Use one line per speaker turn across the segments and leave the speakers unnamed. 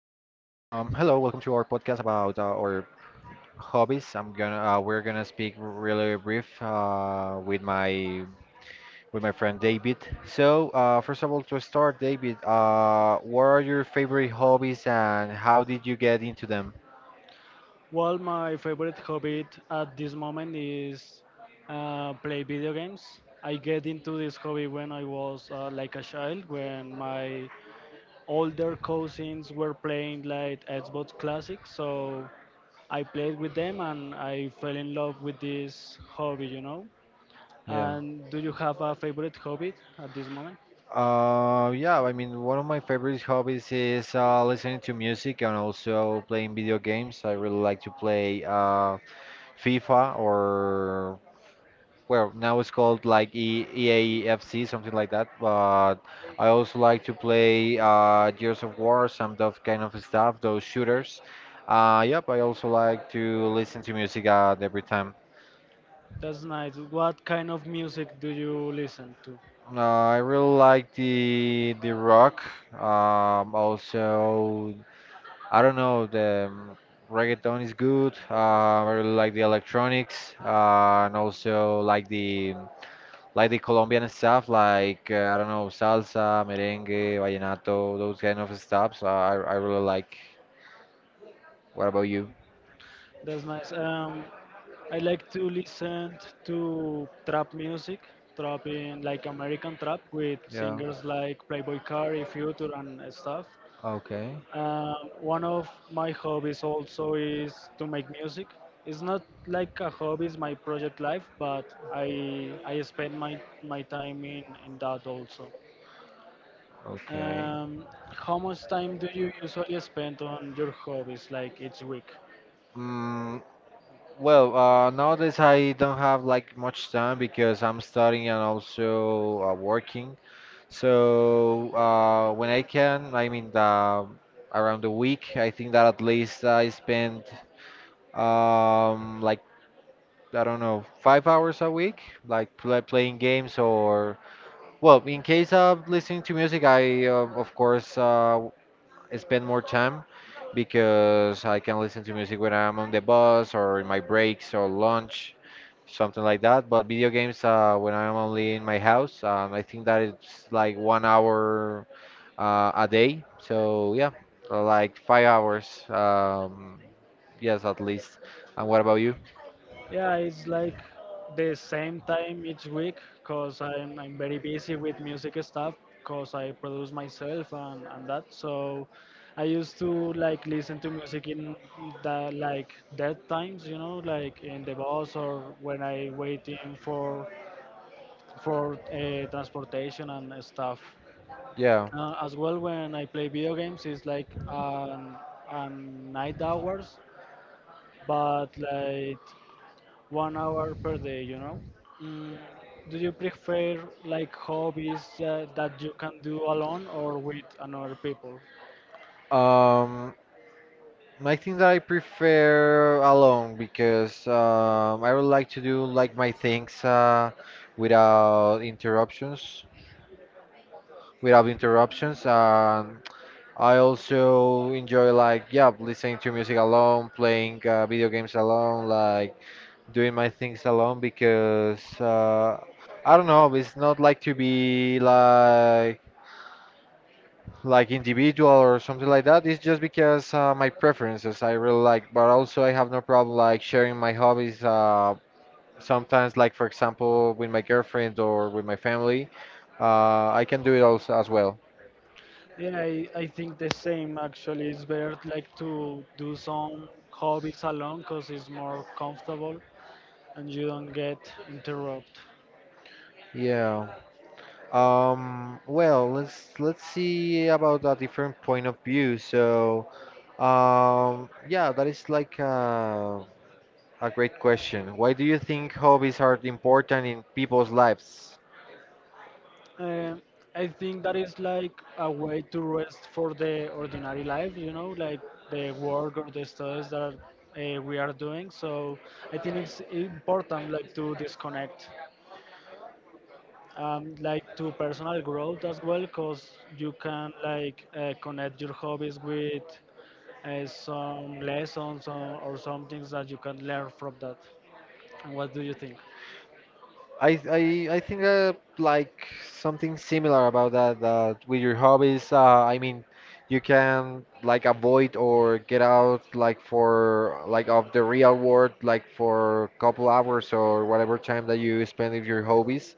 welcome to our podcast about our hobbies. I'm gonna we're gonna speak really brief with my friend David. So first of all, to start, David, what are your favorite hobbies and how did you get into them?
Well, my favorite hobby at this moment is play video games. I get into this hobby when I was like a child, when my older cousins were playing like Xbox Classic. So I played with them and I fell in love with this hobby, you know.
Yeah.
And do you have a favorite hobby at this moment?
Yeah, I mean, one of my favorite hobbies is listening to music and also playing video games. I really like to play FIFA, or well, now it's called like e EAFC, something like that, but I also like to play Gears of War, some of kind of stuff, those shooters. Yep, I also like to listen to music at every time.
That's nice. What kind of music do you listen to?
uh, I really like the rock, also, I don't know, the reggaeton is good. I really like the electronics, and also like the Colombian stuff, like, I don't know, salsa, merengue, vallenato, those kind of stuff. So I really like. What about you?
That's nice. I like to listen to trap music, trap in like American trap with
Yeah.
singers like Playboy Carti, Future, and stuff.
Okay.
Um, One of my hobbies also is to make music. It's not like a hobby; it's my project life, but I spend my time in that also.
Okay.
Um, how much time do you usually spend on your hobbies, like each week?
Mm, well, nowadays I don't have like much time because I'm studying and also working. So when I can, I mean, around the week, I think that at least I spend like, I don't know, 5 hours a week, like playing games, or, well, in case of listening to music, I of course spend more time because I can listen to music when I'm on the bus or in my breaks or lunch, something like that. But video games, when I'm only in my house, I think that it's like 1 hour a day. So yeah, like 5 hours. Yes, at least. And what about you?
Yeah, it's like the same time each week because I'm very busy with music stuff because I produce myself and that. So I used to like listen to music in the like dead times, you know, like in the bus or when I waiting for transportation and stuff.
Yeah.
As well, when I play video games, it's like an night hours, but like 1 hour per day, you know. Mm, do you prefer like hobbies that you can do alone or with another people?
Um, I think that I prefer alone because I would like to do like my things without interruptions. Without interruptions, and I also enjoy like, yeah, listening to music alone, playing video games alone, like doing my things alone because I don't know, it's not like to be like individual or something like that. It's just because my preferences I really like, but also I have no problem like sharing my hobbies. Sometimes, like for example, with my girlfriend or with my family, I can do it also as well.
Yeah, I think the same actually. It's better like to do some hobbies alone because it's more comfortable and you don't get interrupted.
Yeah. Well, let's see about a different point of view. So, yeah, that is like a great question. Why do you think hobbies are important in people's lives?
Uh, I think that is like a way to rest for the ordinary life, you know, like the work or the studies that we are doing. So I think it's important like to disconnect, like to personal growth as well, because you can like connect your hobbies with some lessons or some things that you can learn from that. And what do you think?
I think like something similar about that with your hobbies. I mean, you can like avoid or get out like for like of the real world like for a couple hours or whatever time that you spend with your hobbies.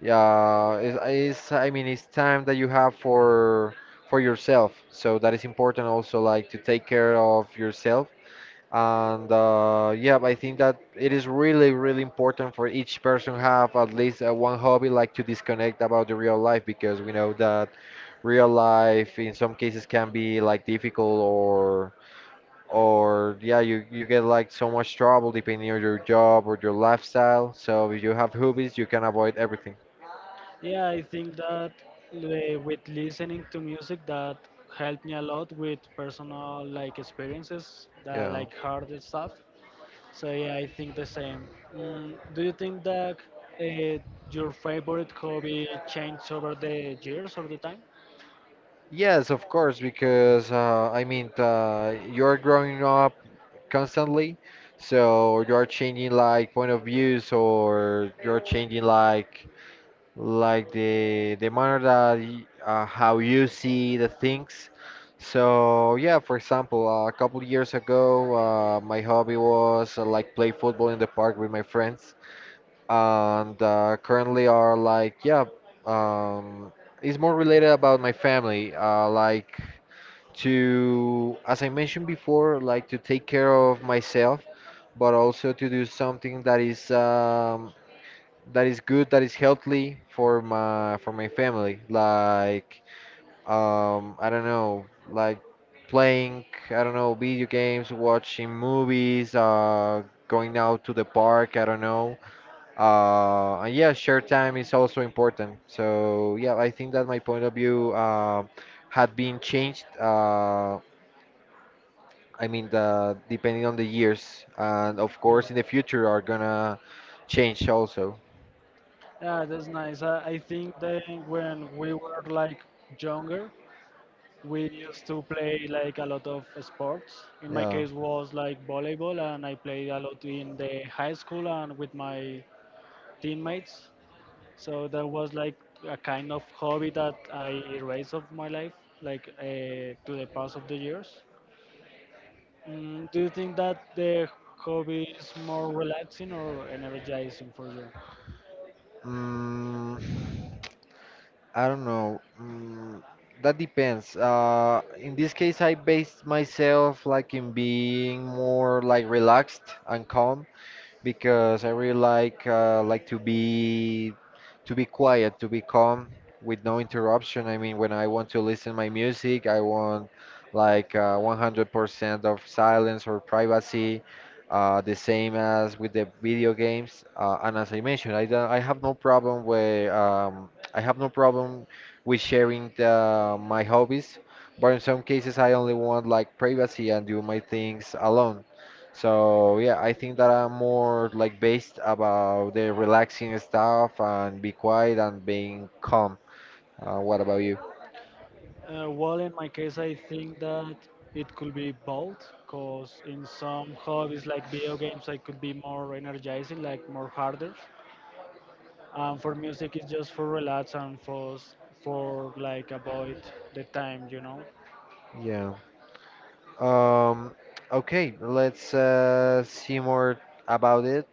Yeah, it's I mean it's time that you have for yourself. So that is important also like to take care of yourself and yeah, I think that it is really really important for each person have at least one hobby, like to disconnect about the real life because we know that real life in some cases can be like difficult or, yeah, you get like so much trouble depending on your job or your lifestyle, so if you have hobbies you can avoid everything.
Yeah, I think that with listening to music that helped me a lot with personal like experiences, the
Yeah.
like hard stuff. So yeah, I think the same. Mm, do you think that uh, your favorite hobby changed over the years or the time?
Yes, of course, because I mean you're growing up constantly. So you're changing like point of views, or you're changing like the manner that how you see the things. So yeah, for example, a couple years ago, my hobby was like play football in the park with my friends, and currently are like, yeah, um, it's more related about my family, like to, as I mentioned before, like to take care of myself, but also to do something that is good, that is healthy for my family. Like I don't know, like playing, I don't know, video games, watching movies, going out to the park, I don't know. And yeah, share time is also important. So yeah, I think that my point of view had been changed. I mean, the, depending on the years, and of
Yeah,
course, in the future are gonna change also.
yeah, that's nice. I think that when we were like younger, we used to play like a lot of sports. In my
Yeah.
case was like volleyball and I played a lot in the high school and with my teammates. So that was like a kind of hobby that I erased of my life like to the past of the years. Mm, do you think that the hobby is more relaxing or energizing for you?
Mm, I don't know. That depends. In this case, I based myself like in being more like relaxed and calm because I really like to be quiet, to be calm with no interruption. I mean, when I want to listen my music, I want like 100% of silence or privacy. The same as with the video games. And as I mentioned, I don't, I have no problem with I have no problem with sharing the, my hobbies, but in some cases I only want like privacy and do my things alone. So yeah, I think that I'm more like based about the relaxing stuff and be quiet and being calm. What about you?
Well, in my case, I think that it could be both, because in some hobbies like video games, I could be more energizing, like more harder. And for music, it's just for relax and for like avoid the time, you know.
Yeah. Um, okay, let's see more about it.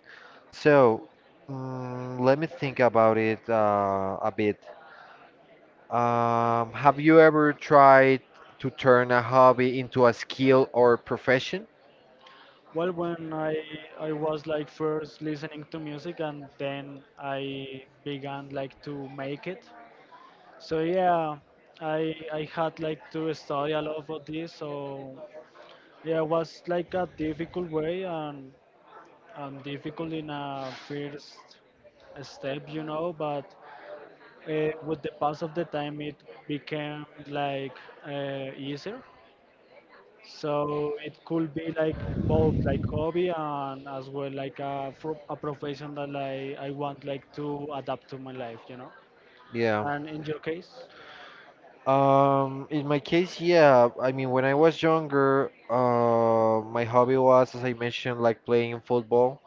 So, let me think about it a bit. Have you ever tried to turn a hobby into a skill or profession?
Well, when I was like first listening to music, and then I began like to make it. So yeah, I had like to study a lot of this, so yeah, it was like a difficult way and difficult in a first step, you know. But with the pass of the time, it became like easier. So it could be like both like hobby and as well like a profession that like I want like to adapt to my life, you know.
Yeah.
And in your case,
In my case, yeah. I mean, when I was younger, my hobby was, as I mentioned, like playing football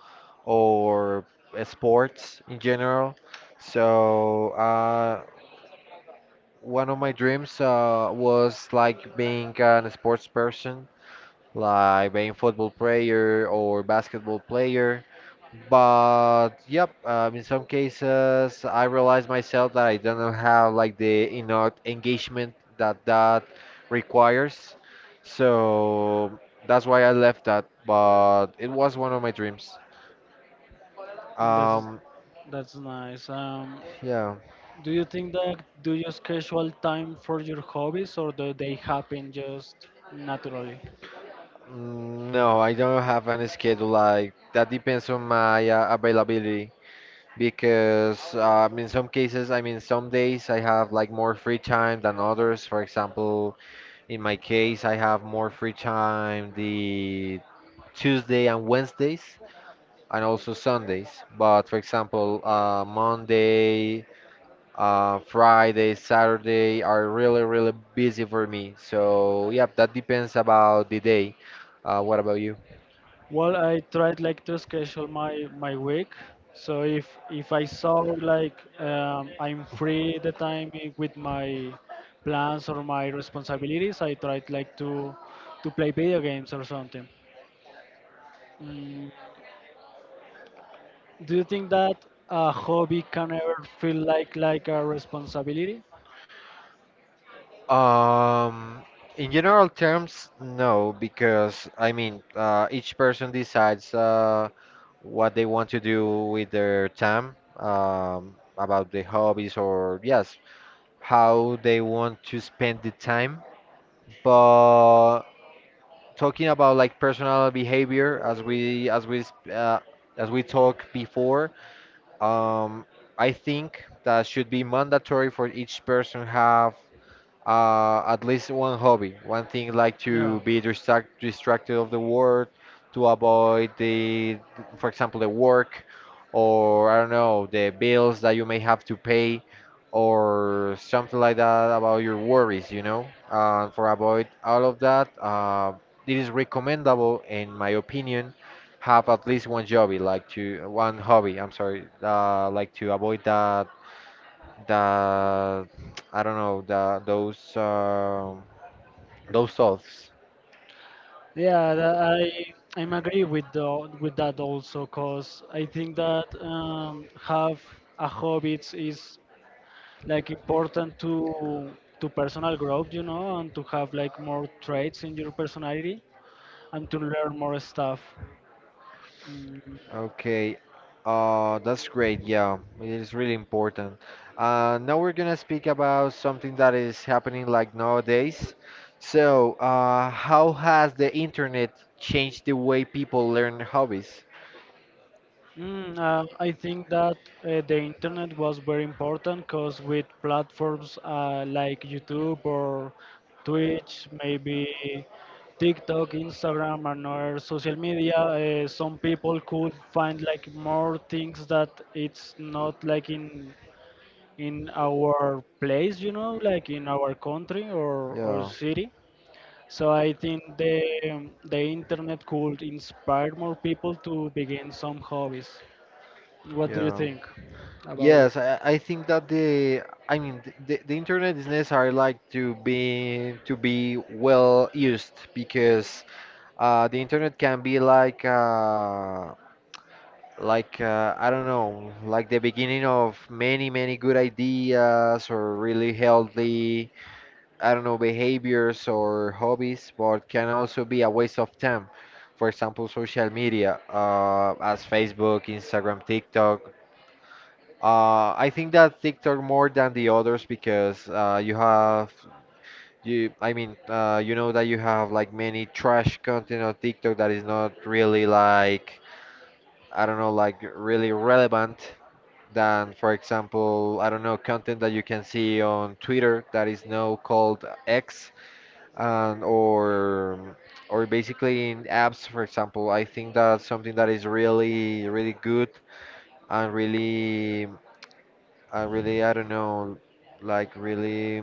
or sports in general. So, one of my dreams, was like being a sports person, like being football player or basketball player. But yep, in some cases, I realize myself that I don't have like the, you know, engagement that requires. So that's why I left that. But it was one of my dreams.
that's
Um,
that's nice.
yeah.
Do you think that do you schedule time for your hobbies or do they happen just naturally?
No, I don't have any schedule, like that depends on my availability because in some cases, I mean, some days I have like more free time than others. For example, in my case, I have more free time the Tuesday and Wednesdays, and also Sundays. But for example, Monday, Friday, Saturday are really, really busy for me. So yeah, that depends about the day. What about you?
Well, I tried like to schedule my week. So if I saw like I'm free the time with my plans or my responsibilities, I tried like to play video games or something. Mm, do you think that a hobby can ever feel like a responsibility?
Um, in general terms, no, because I mean, each person decides. What they want to do with their time, about the hobbies or, yes, how they want to spend the time. But talking about like personal behavior, as we as we talked before, um, I think that should be mandatory for each person have at least one hobby, one thing like to
Yeah.
be distracted of the world, to avoid the, for example, the work, or I don't know, the bills that you may have to pay, or something like that about your worries, you know. For avoid all of that, it is recommendable, in my opinion, have at least one hobby, like to one hobby. I'm sorry, like to avoid that the I don't know the those thoughts.
Yeah, that I'm agree with that also, cause I think that have a hobbies is like important to personal growth, you know, and to have like more traits in your personality and to learn more stuff. Mm.
Okay, that's great. Yeah, it is really important. Now we're gonna speak about something that is happening like nowadays. So, how has the internet changed the way people learn hobbies?
Mm, I think that the internet was very important because with platforms like YouTube or Twitch, maybe TikTok, Instagram, and other social media, some people could find like more things that it's not like in our place, you know, like in our country or
Yeah,
city. So I think the internet could inspire more people to begin some hobbies. What do you
yeah.
think about yeah,
Yes,
it?
I think that the I mean the internet is necessary like to be well used because the internet can be like like, I don't know, like the beginning of many many good ideas or really healthy, I don't know, behaviors or hobbies, but can also be a waste of time. For example, social media, as Facebook, Instagram, TikTok. I think that TikTok more than the others because you have you I mean you know that you have like many trash content on TikTok that is not really like, I don't know, like really relevant than, for example, I don't know, content that you can see on Twitter that is now called X, and or basically in apps, for example. I think that something that is really, really good and really, and really, I don't know, like really,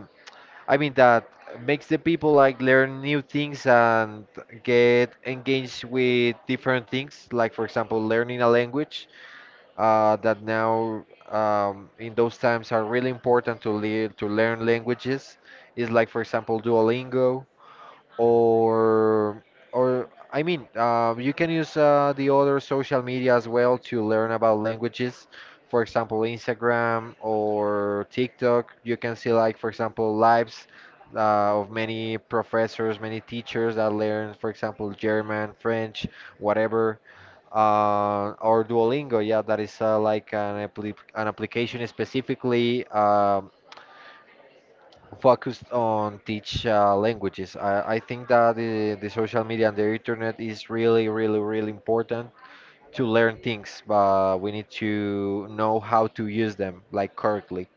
I mean that makes the people like learn new things and get engaged with different things, like for example, learning a language that now in those times are really important to learn languages is like for example Duolingo or or I mean you can use the other social media as well to learn about languages. For example, Instagram or TikTok, you can see like for example lives of many professors, many teachers that learn for example German, French, whatever, or Duolingo, yeah, that is like an application specifically focused on teach languages. I think that the social media and the internet is really, really, really important to learn things, but we need to know how to use them like correctly.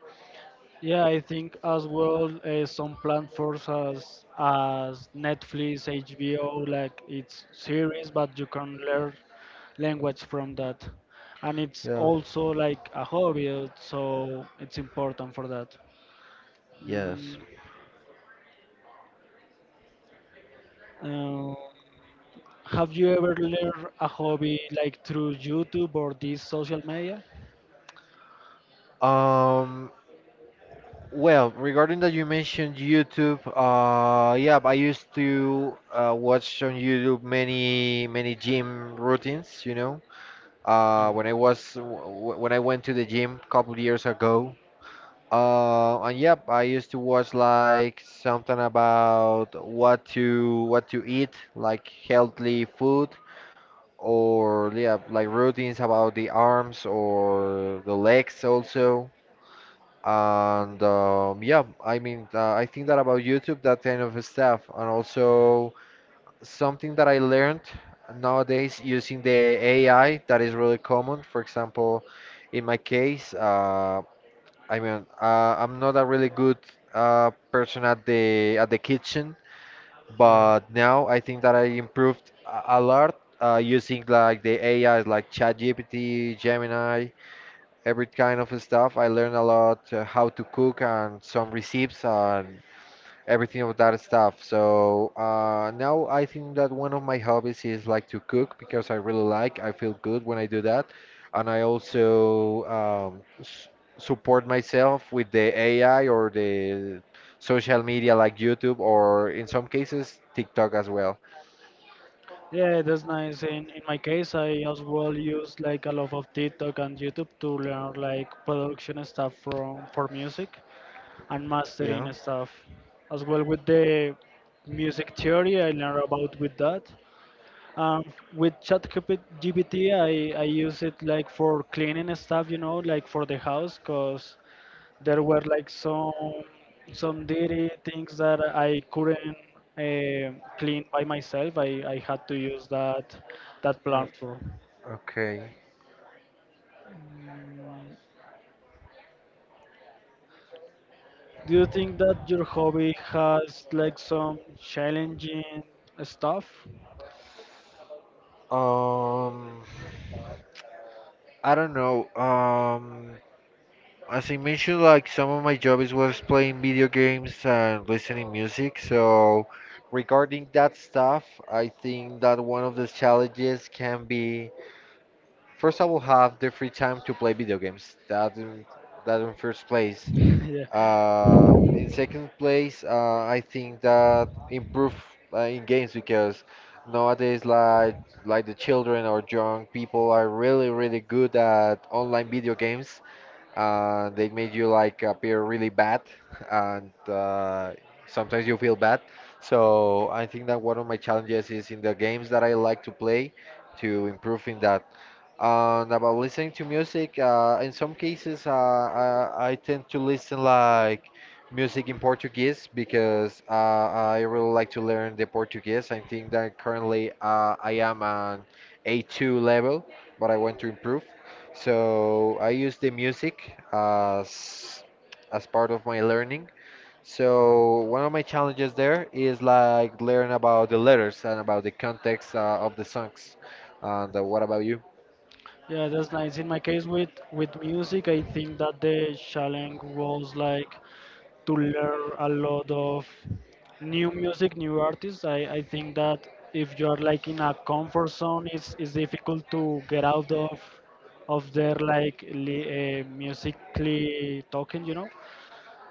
Yeah, I think as well some platforms as Netflix, HBO, like it's series, but you can learn language from that, and it's
Yeah.
also like a hobby, so it's important for that.
Yes.
Mm, uh, have you ever learned a hobby like through YouTube or these social media?
Um, Well, regarding that you mentioned YouTube, yeah, I used to watch on YouTube many gym routines, you know.
Yeah,
When I was when I went to the gym a couple years ago, and yep, I used to watch like something about what to eat, like healthy food, or yeah, like routines about the arms or the legs also. And yeah, I mean, I think that about YouTube, that kind of stuff, and also something that I learned nowadays using the AI that is really common. For example, in my case, I mean, I'm not a really good person at the kitchen,
yeah.
but now I think that I improved a lot using like the AIs like ChatGPT, Gemini, every kind of stuff. I learned a lot how to cook and some recipes and everything of that stuff. So now I think that one of my hobbies is like to cook because I really like. I feel good when I do that, and I also s support myself with the AI or the social media like YouTube or in some cases TikTok as well.
Yeah, that's nice. In my case, I as well use like a lot of TikTok and YouTube to learn like production stuff from for music and
Yeah.
mastering stuff. As well with the music theory, I learn about with that. Um, with ChatGPT, I use it like for cleaning stuff, you know, like for the house, cause there were like some dirty things that I couldn't clean by myself. I had to use that
Yeah.
platform.
Okay.
Mm, do you think that your hobby has like some challenging stuff?
Um. I don't know. As I mentioned, like some of my jobs was playing video games and listening music. So regarding that stuff, I think that one of the challenges can be first I will have the free time to play video games. That in first place.
Yeah.
In second place, I think that improve in games because nowadays like the children or young people are really good at online video games, they made you like appear really bad, and sometimes you feel bad. So I think that one of my challenges is in the games that I like to play to improve in that. And about listening to music, in some cases, uh, I tend to listen like music in Portuguese because I really like to learn the Portuguese. I think that currently I am an A2 level, but I want to improve. So I use the music as part of my learning. So one of my challenges there is like learn about the letters and about the context of the songs. And what about
Yeah, that's nice. In my case with music, I think that the challenge was like to learn a lot of new music, new artists. I think that if you are like in a comfort zone, it's difficult to get out of their like musically talking, you know.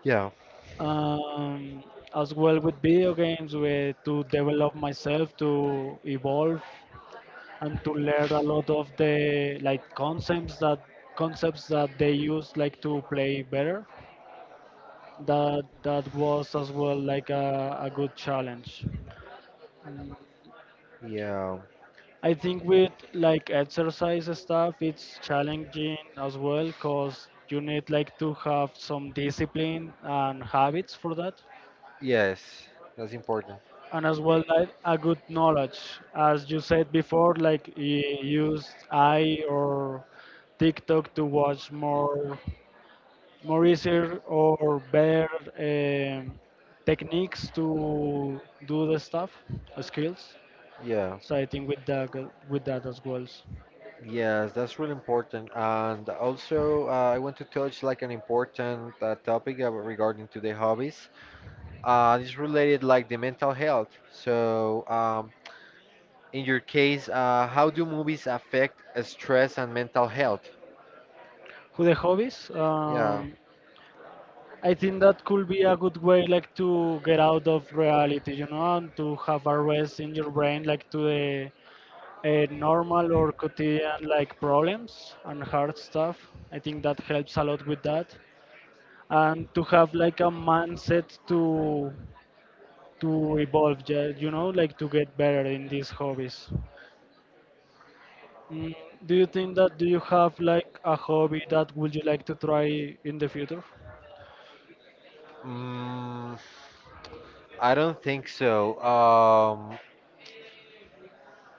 you?
Um, as well with video games, where to develop myself, to evolve and to learn a lot of the like concepts that they use like to play better. That was as well like a good challenge.
Yeah.
I think with like exercise stuff, it's challenging as well because you need like to have some discipline and habits for that,
Yes, that's important.
and as well like a good knowledge, as you said before, like use I or TikTok to watch more more easier or better um, techniques to do the stuff, skills.
Yeah.
So I think with that, with that as well.
Yes, that's really important. And also, I want to touch like an important topic regarding to the hobbies. It's related like the mental health. So, in your case, how do movies affect stress and mental health?
With the hobbies,
Yeah.
I think that could be a good way, like to get out of reality, you know, and to have a rest in your brain, like to the normal or quotidian like problems and hard stuff. I think that helps a lot with that, and to have like a mindset to evolve, you know, like to get better in these hobbies. Mm, do you think that do you have like a hobby that would you like to try in the future?
Mm, I don't think so. Um,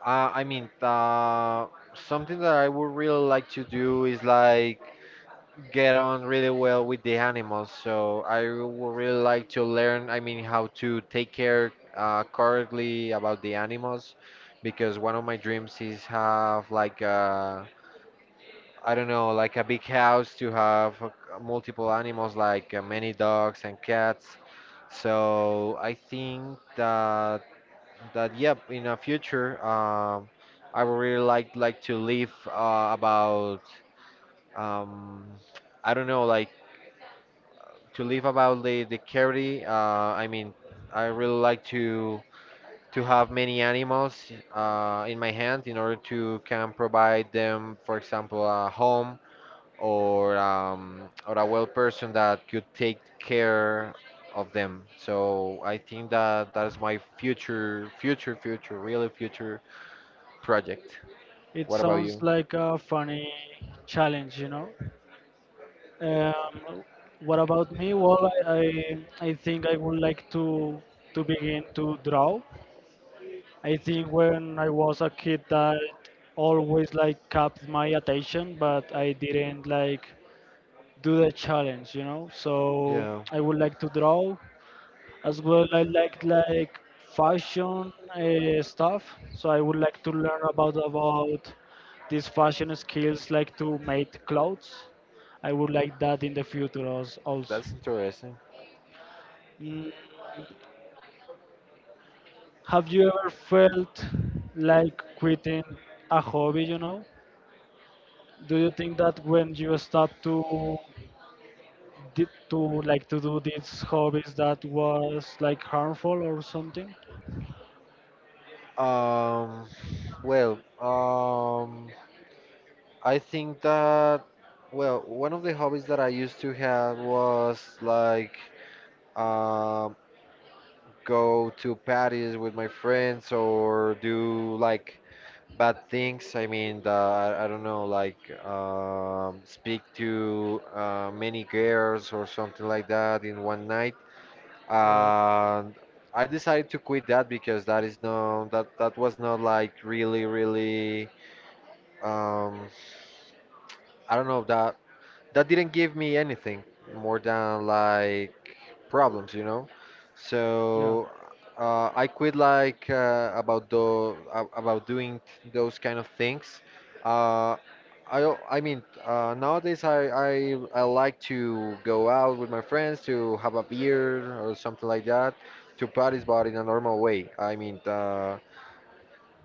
I, I mean, something that I would really like to do is like get on really well with the animals, so I would really like to learn, I mean, how to take care correctly about the animals, because one of my dreams is have like a, I don't know, like a big house to have multiple animals, like many dogs and cats. So I think that that yep, in a future, I would really like to live about um, I don't know, like to live about the carry. I mean, I really like to have many animals in my hand in order to can provide them, for example, a home or a well person that could take care of them. So I think that that is my future, really future project.
It
What about
sounds
you?
like a funny challenge, you know. Um, what about me? Well, I think I would like to begin to draw. I think when I was a kid that always like kept my attention, but I didn't like do the challenge, you know. So
Yeah,
I would like to draw as well. I like fashion stuff. So I would like to learn about these fashion skills, like to make clothes. I would like that in the future also.
that's interesting.
Mm, have you ever felt like quitting a hobby, you know? Do you think that when you stop to to like to do these hobbies that was like harmful or something?
Um, well, I think that, well, one of the hobbies that I used to have was like um, go to parties with my friends or do like bad things. I mean, I don't know, like speak to many girls or something like that in one night. And I decided to quit that because that is no, that that was not like really, really. Um, I don't know that that didn't give me anything more than like problems, you know.
Yeah.
So I quit like about doing those kind of things. Uh, I mean nowadays I like to go out with my friends to have a beer or something like that to parties, but in a normal way. I mean.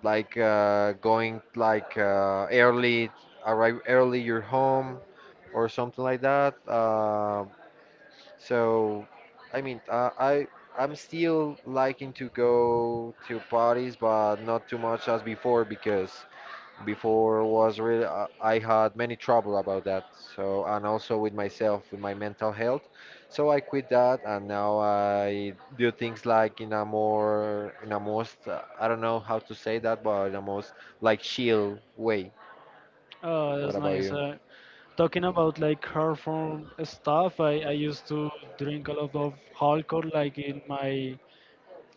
Like going like early, arrive early your home or something like that. So, I mean, uh, I'm still liking to go to parties, but not too much as before because before was really I had many trouble about that. So and also with myself, with my mental health. So I quit that, and now I do things like in a more in a most I don't know how to say that, but in a most like chill way.
Oh,
What
that's
about
nice.
you?
Talking about like hard form stuff, I used to drink a lot of alcohol like in my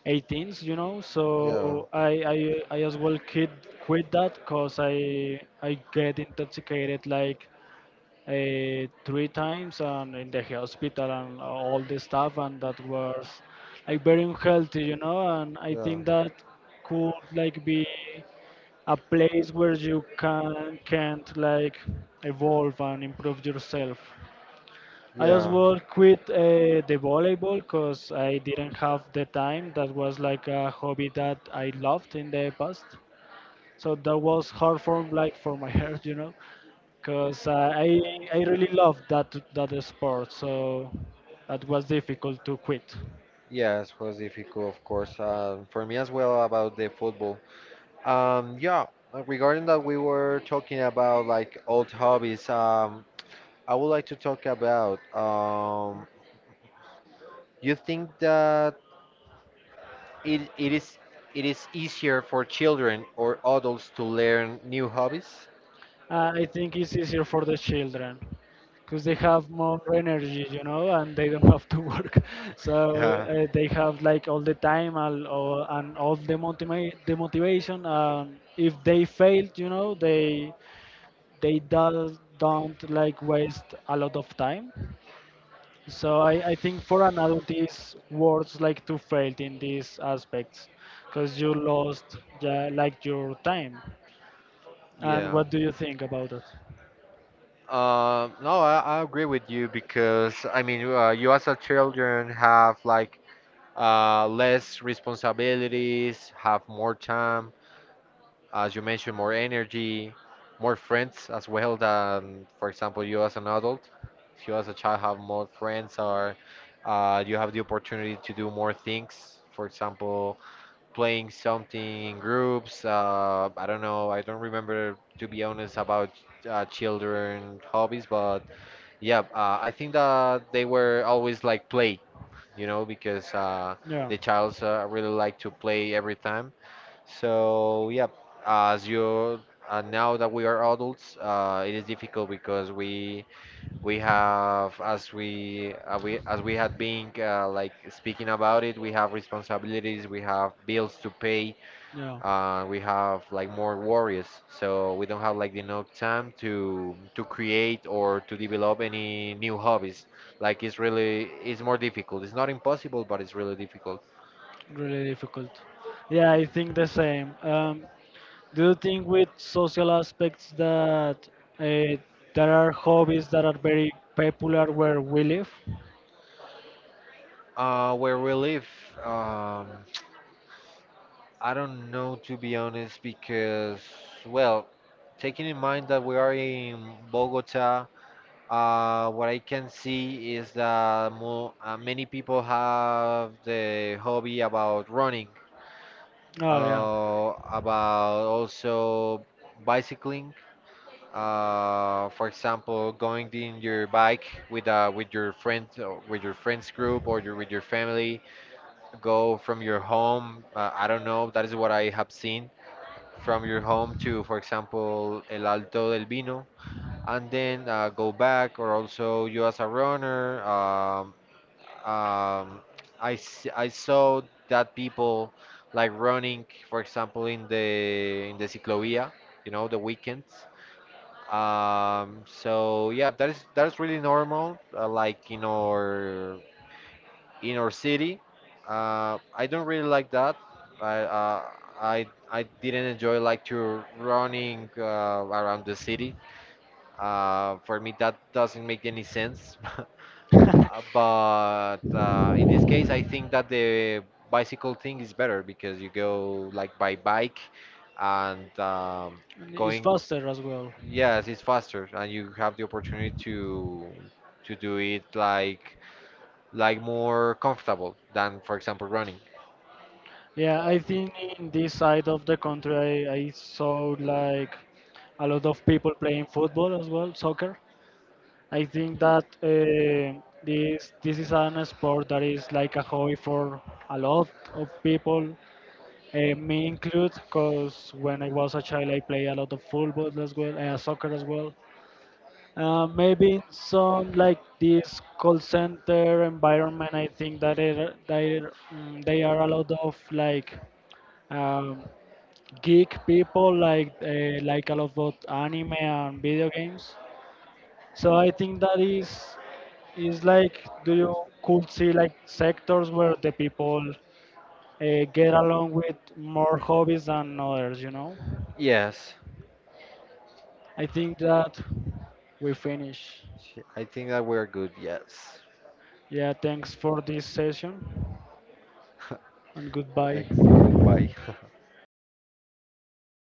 18s, you know.
Yeah,
So I as well quit that because I get intoxicated like three times and in the hospital and all this stuff, and that was like very unhealthy, you know. And I
yeah,
think that could like be a place where you can can't like evolve and improve yourself. I as
yeah.
well quit the volleyball because I didn't have the time. That was like a hobby that I loved in the past, so that was hard for like for my heart, you know, because I really loved that sport. So that was difficult to quit.
Yes, was difficult, of course. For me as well about the football. Yeah, regarding that we were talking about like old hobbies, I would like to talk about you think that it is it is easier for children or adults to learn new hobbies?
I think it's easier for the children because they have more energy, you know, and they don't have to work. So
Yeah.
they have like all the time and all the the motivation. And if they fail, you know, they don't like waste a lot of time. So I think for an adult is words like to fail in these aspects because you lost yeah, like your time. And
Yeah.
what do you think about that?
No, I agree with you because I mean, you as a children have like less responsibilities, have more time, as you mentioned, more energy, more friends as well than, for example, you as an adult. If you as a child have more friends, or you have the opportunity to do more things. For example, playing something in groups. I don't know. I don't remember to be honest about children hobbies, but yeah, I think that they were always like play, you know, because
Yeah.
the childs really like to play every time so yeah, as you now that we are adults, it is difficult because we have as we had been like speaking about it, we have responsibilities, we have bills to pay,
Yeah.
we have like more worries. So we don't have like enough time to create or to develop any new hobbies. Like it's really it's more difficult. It's not impossible, but it's really difficult.
Really difficult. Yeah, I think the same. Do you think with social aspects that uh, there are hobbies that are very popular where we live?
Where we live. Um, I don't know to be honest because, well, taking in mind that we are in Bogota, what I can see is that mo many people have the hobby about running,
Oh yeah.
about also bicycling. For example, going in your bike with your friend, or with your friends group, with your family, go from your home. I don't know. That is what I have seen from your home to, for example, El Alto del Vino, and then go back, or also you as a runner. Um, I saw that people like running, for example, in the ciclovia, you know, the weekends. So yeah, that is really normal, like in our city. I don't really like that. I uh, I I didn't enjoy like to running around the city. For me, that doesn't make any sense. Uh, But uh, in this case, I think that the bicycle thing is better because you go like by bike and
And it's
going. b-
faster as well.
Yes, it's faster, and you have the opportunity to do it like more comfortable than, for example, running.
Yeah, I think in this side of the country, I saw like a lot of people playing football as well, soccer. I think that this is an sport that is like a hobby for a lot of people, me included, because when I was a child, I played a lot of football as well, soccer as well. Maybe in some like this call center environment, I think that it, they mm, they are a lot of like um, geek people, like a lot of anime and video games. So I think that is like do you could see like sectors where the people get along with more hobbies than others, you know?
Yes,
I think that we finish.
I think that we're good. Yes.
Yeah, thanks for this session, and
Thanks.
goodbye.
Goodbye.